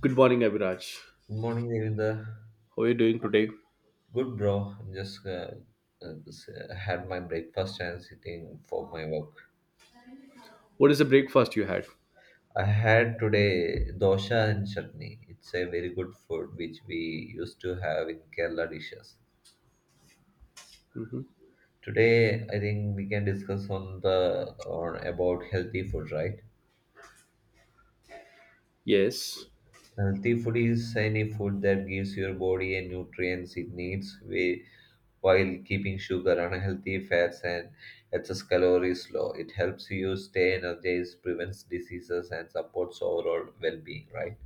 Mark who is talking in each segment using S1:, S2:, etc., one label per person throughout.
S1: Good morning, Abhiraj.
S2: Good morning, Devinder.
S1: How are you doing today?
S2: Good, bro. Had my breakfast and sitting for my work.
S1: What is the breakfast you had?
S2: I had today dosha and chutney. It's a very good food which we used to have in Kerala dishes.
S1: Hmm.
S2: Today, I think we can discuss on the on about healthy food, right?
S1: Yes.
S2: Healthy food is any food that gives your body and nutrients it needs while keeping sugar, unhealthy fats, and excess calories low. It helps you stay energized, prevents diseases, and supports overall well being, right?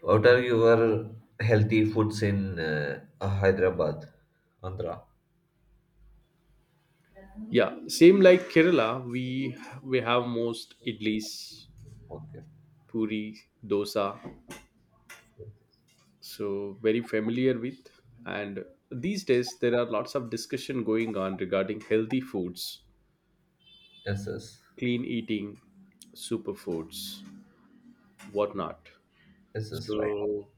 S2: What are your healthy foods in Hyderabad, Andhra?
S1: Yeah, same like Kerala, we have most idlis,
S2: Okay.
S1: puri, dosa. So very familiar with. And these days there are lots of discussion going on regarding healthy foods,
S2: Yes, yes,
S1: clean eating, superfoods, whatnot.
S2: yes, yes, right.
S1: So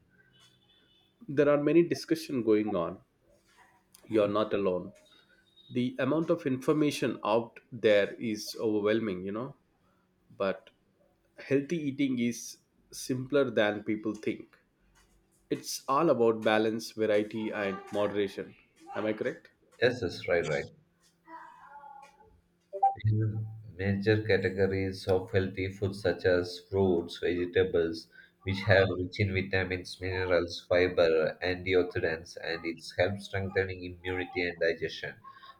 S1: there are many discussion going on. You're not alone. The amount of information out there is overwhelming, but healthy eating is simpler than people think. It's all about balance, variety and moderation. Am I correct?
S2: Yes, yes, right, right. In major categories of healthy foods such as fruits, vegetables, which have rich in vitamins, minerals, fiber, antioxidants, and it helps strengthening immunity and digestion.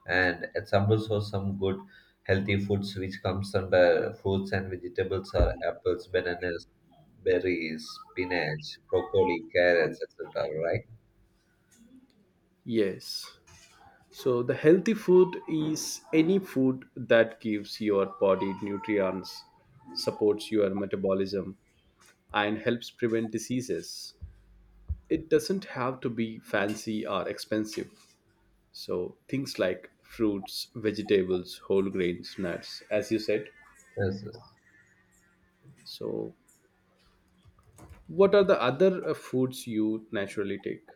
S2: And examples of some good healthy foods which comes under fruits and vegetables are apples, bananas, berries, spinach, broccoli, carrots, etc. Right?
S1: Yes. So the healthy food is any food that gives your body nutrients, supports your metabolism and helps prevent diseases. It doesn't have to be fancy or expensive. So things like fruits, vegetables, whole grains, nuts, as you said.
S2: Yes.
S1: So what are the other foods you naturally take?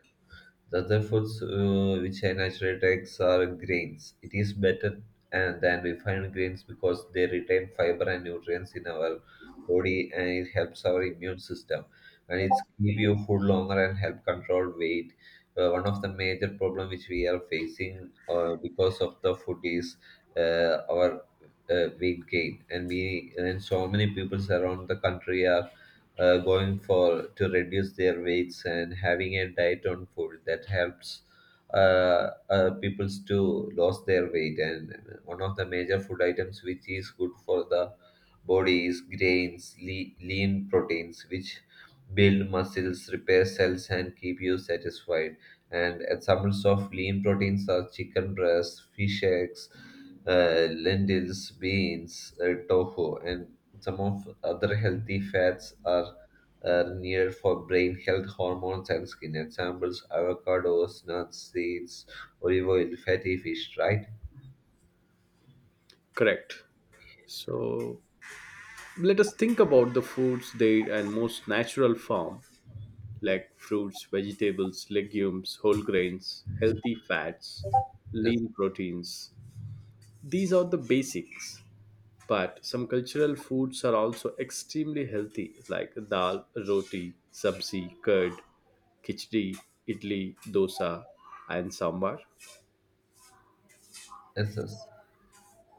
S2: The other foods which I naturally take are grains. It is better and than refined grains because they retain fiber and nutrients in our body and it helps our immune system. And it's keep you food longer and help control weight. One of the major problem which we are facing because of the food is our weight gain, and we and so many people around the country are going for to reduce their weights and having a diet on food that helps peoples to lose their weight. And one of the major food items which is good for the body is grains, lean proteins, which build muscles, repair cells, and keep you satisfied. And examples of lean proteins are chicken breast, fish eggs, lentils, beans, tofu, and some of other healthy fats are needed for brain health, hormones, and skin. Examples: avocados, nuts, seeds, olive oil, fatty fish. Right?
S1: Correct. So let us think about the foods they and most natural form, like fruits, vegetables, legumes, whole grains, healthy fats,
S2: Yes.
S1: lean proteins. These are the basics. But some cultural foods are also extremely healthy, like dal, roti, sabzi, curd, khichdi, idli, dosa, and sambar.
S2: Yes. Yes.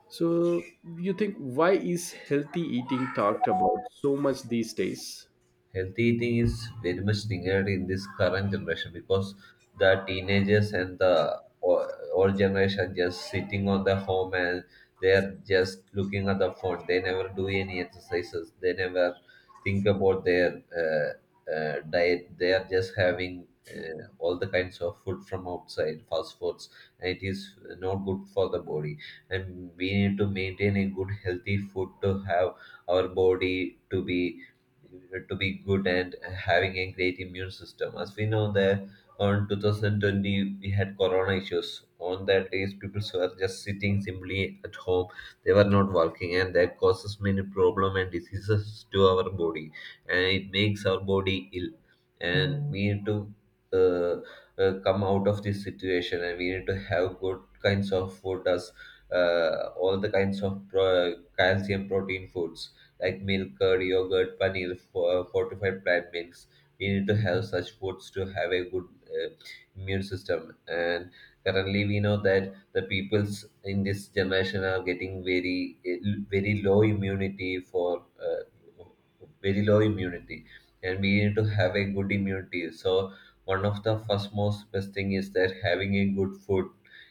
S1: So, you think why is healthy eating talked about so much these days?
S2: Healthy eating is very much needed in this current generation because the teenagers and the old generation just sitting on the home, and they're just looking at the phone. They never do any exercises. They never think about their diet. They are just having all the kinds of food from outside, fast foods, and it is not good for the body. And we need to maintain a good, healthy food to have our body to be good and having a great immune system. As we know that on 2020 we had corona issues. On that days people were just sitting simply at home. They were not working, and that causes many problem and diseases to our body, and it makes our body ill. And we need to come out of this situation, and we need to have good kinds of food as all the kinds of calcium protein foods like milk, curd, yogurt, paneer, for, fortified plant milks. We need to have such foods to have a good immune system. And currently, we know that the peoples in this generation are getting very very low immunity for very low immunity, and we need to have a good immunity. So one of the first most best thing is that having a good food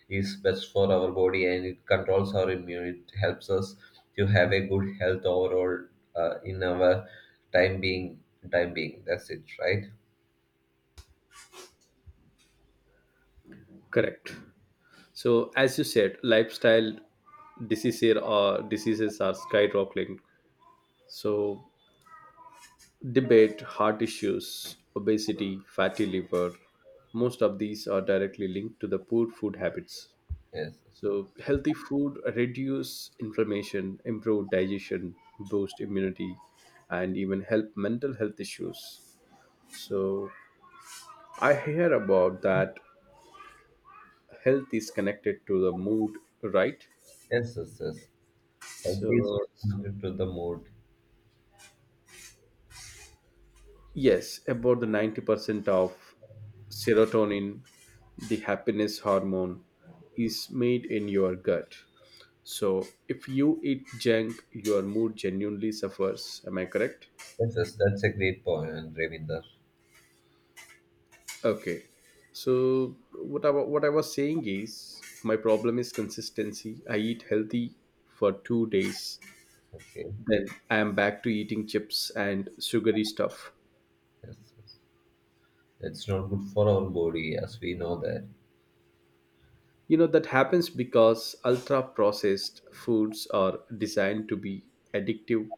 S2: is best for our body, and it controls our immunity, helps us to have a good health overall in our time being. Time being, that's it, right?
S1: Correct. So, as you said, lifestyle diseases or diseases are skyrocketing. So, debate heart issues, obesity, fatty liver. Most of these are directly linked to the poor food habits.
S2: Yes,
S1: So healthy food reduce inflammation, improve digestion, boost immunity, and even help mental health issues. So I hear about that health is connected to the mood, right?
S2: yes, yes, yes. Health is
S1: So,
S2: responding to the mood.
S1: yes, about the 90% of serotonin, the happiness hormone, is made in your gut. So if you eat junk, your mood genuinely suffers. Am I correct?
S2: Yes, yes, that's a great point, Ravinder.
S1: Okay. So what I, what I was saying is my problem is consistency. I eat healthy for 2 days,
S2: Okay,
S1: then I am back to eating chips and sugary stuff.
S2: yes, yes. It's not good for our body, as we know that.
S1: You know, that happens because ultra processed foods are designed to be addictive.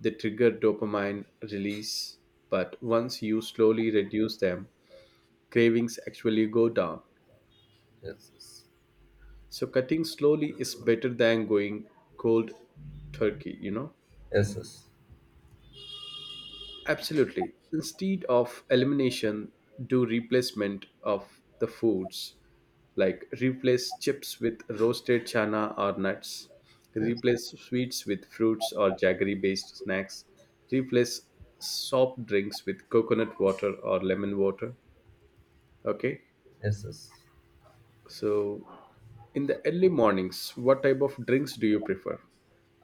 S1: They trigger dopamine release, but once you slowly reduce them, cravings actually go down.
S2: Yes, yes,
S1: So, cutting slowly is better than going cold turkey, you know?
S2: yes, yes,
S1: Absolutely. Instead of elimination, do replacement of the foods. Like replace chips with roasted chana or nuts.
S2: yes.
S1: Replace sweets with fruits or jaggery based snacks. Replace soft drinks with coconut water or lemon water. Okay.
S2: Yes. Yes.
S1: So, in the early mornings, what type of drinks do you prefer?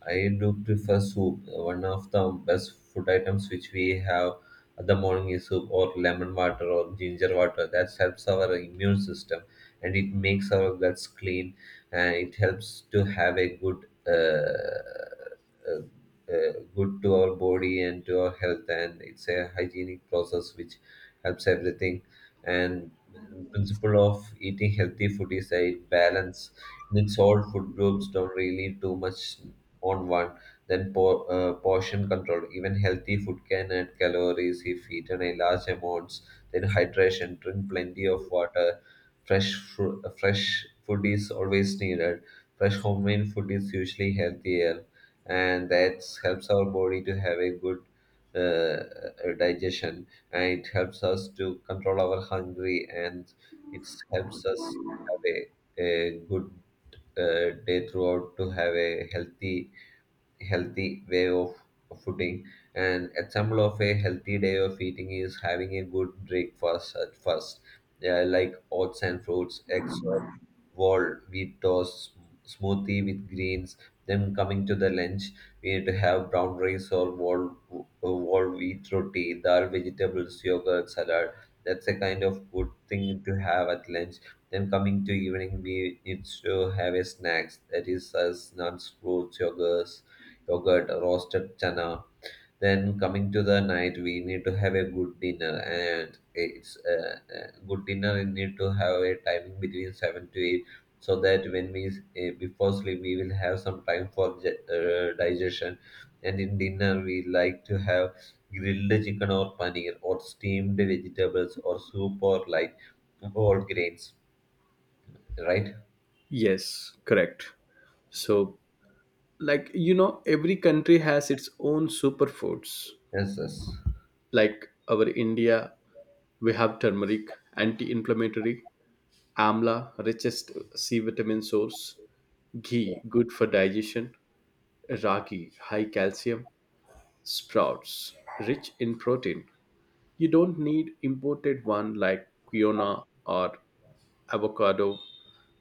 S2: I do prefer soup. One of the best food items which we have at the morning is soup or lemon water or ginger water. That helps our immune system, and it makes our guts clean, and it helps to have a good uh, good to our body and to our health, and it's a hygienic process which helps everything. And principle of eating healthy food is a balance, means all food groups, don't really too much on one. Then portion control: even healthy food can add calories if eaten in large amounts. Then hydration: drink plenty of water. Fresh food is always needed. Fresh homemade food is usually healthier, and that helps our body to have a good uh, digestion, and it helps us to control our hungry, and it helps us to have a good day throughout, to have a healthy way of footing. And example of a healthy day of eating is having a good breakfast at first, yeah, like oats and fruits, eggs, wheat toast, smoothie with greens. Then coming to the lunch, we need to have brown rice or wall wheat roti, dal, vegetables, yogurt, salad. That's a kind of good thing to have at lunch. Then coming to evening, we need to have a snacks that is as nuts, fruits, yogurt, roasted chana. Then coming to the night, we need to have a good dinner, and it's good dinner. We need to have a timing between 7 to 8, so that when we before sleep, we will have some time for digestion. And in dinner, we like to have grilled chicken or paneer, or steamed vegetables, or soup, or like whole grains, right?
S1: Yes, correct. So, like, you know, every country has its own superfoods.
S2: Yes, yes,
S1: Like our India, we have turmeric, anti-inflammatory, amla, richest C vitamin source, ghee, good for digestion, ragi, high calcium, sprouts, rich in protein. You don't need imported one like quinoa or avocado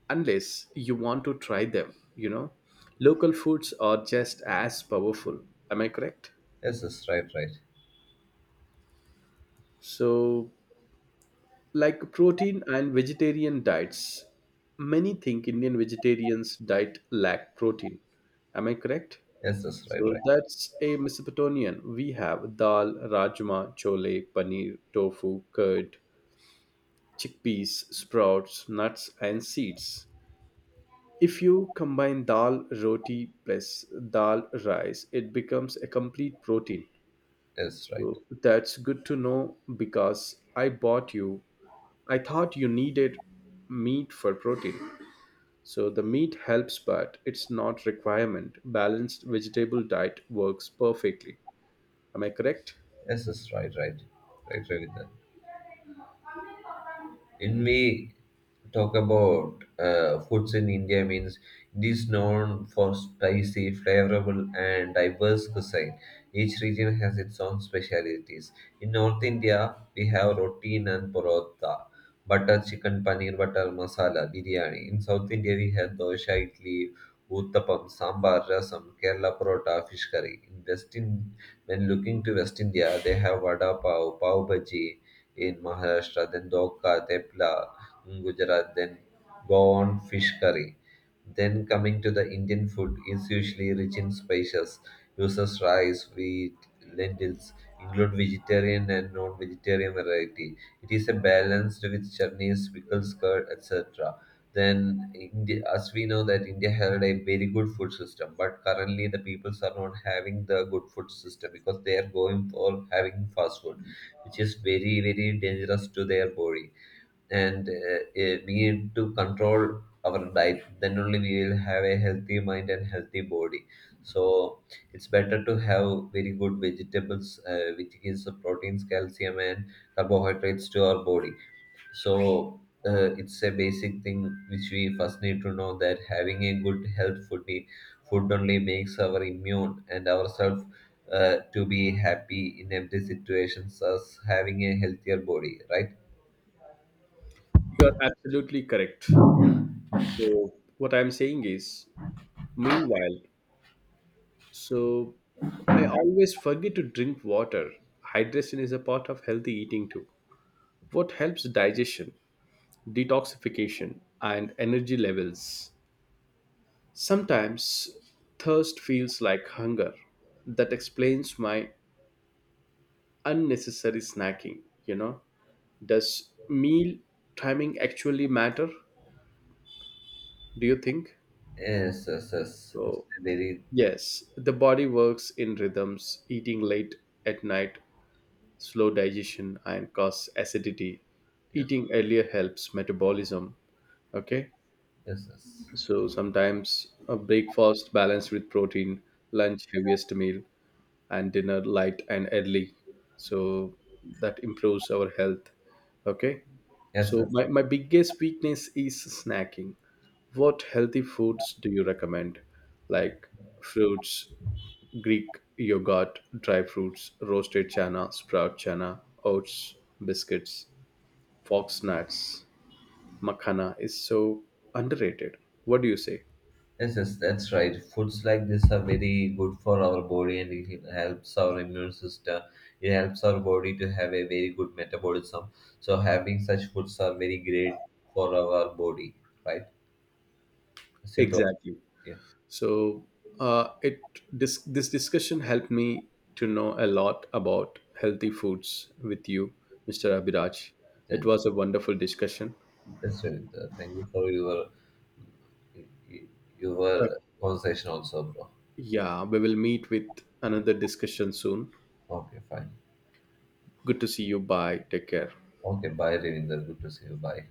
S1: unless you want to try them, you know. Local foods are just as powerful. Am I correct?
S2: yes, yes, right, right.
S1: So like protein and vegetarian diets, many think indian vegetarians diet lack protein. Am I correct?
S2: Yes, yes, right,
S1: So
S2: right.
S1: that's a mesopotamian, we have dal, rajma, chole, paneer, tofu, curd, chickpeas, sprouts, nuts and seeds. If you combine dal roti plus dal rice, it becomes a complete protein.
S2: Yes, right.
S1: So that's good to know, because I bought you, I thought you needed meat for protein. So the meat helps, but it's not requirement. Balanced vegetable diet works perfectly. Am I correct?
S2: Yes, yes, right, right. Right, Ravindra. When we talk about foods in India, means it is known for spicy, flavorful, and diverse cuisine. Each region has its own specialities. In North India, we have roti and parotha, butter chicken, paneer butter masala, biryani. In South India, we have dosha, idli, uttapam, sambar, rasam, Kerala parota, fish curry. When looking to West India, they have vada pav, pav bhaji, in Maharashtra, then Dokka, Tepla in Gujarat, then Goan fish curry. Then coming to the Indian food is usually rich in spices, uses rice, wheat, lentils, include vegetarian and non-vegetarian variety. It is a balanced with chutneys, pickles, curd, etc. Then, India, as we know that India had a very good food system, but currently the peoples are not having the good food system because they are going for having fast food, which is very very dangerous to their body. And we need to control our diet, then only we will have a healthy mind and healthy body. So it's better to have very good vegetables which gives the proteins, calcium, and carbohydrates to our body. So it's a basic thing which we first need to know, that having a good health food only makes our immune and ourselves to be happy in every situations, as having a healthier body, right?
S1: You're absolutely correct. So what I'm saying is, meanwhile, so I always forget to drink water. Hydration is a part of healthy eating too. What helps digestion, detoxification, and energy levels. Sometimes thirst feels like hunger. That explains my unnecessary snacking, you know. Does meal timing actually matter? Do you think?
S2: Yes, yes, yes. It's
S1: So,
S2: a very
S1: yes, the body works in rhythms. Eating late at night, slow digestion and cause acidity.
S2: yes,
S1: Eating earlier helps metabolism. Okay.
S2: yes, yes,
S1: So sometimes a breakfast balanced with protein, lunch heaviest meal, and dinner light and early. So that improves our health. Okay.
S2: yes,
S1: So
S2: yes.
S1: my biggest weakness is snacking. What healthy foods do you recommend? Like fruits, Greek yogurt, dry fruits, roasted chana, sprout chana, oats, biscuits, fox nuts, makhana is so underrated. What do you say?
S2: Yes, yes, that's right. Foods like this are very good for our body, and it helps our immune system. It helps our body to have a very good metabolism. So having such foods are very great for our body, right? As you told,
S1: Exactly.
S2: yeah.
S1: So it this discussion helped me to know a lot about healthy foods with you, Mr. Abhiraj. It
S2: Then
S1: was a wonderful discussion.
S2: that's really the- thank you for your
S1: Uh,
S2: conversation also, bro.
S1: yeah, we will meet with another discussion soon.
S2: Okay, fine.
S1: Good to see you. Bye. Take care.
S2: Okay, bye, Ravinder. Good to see you. Bye.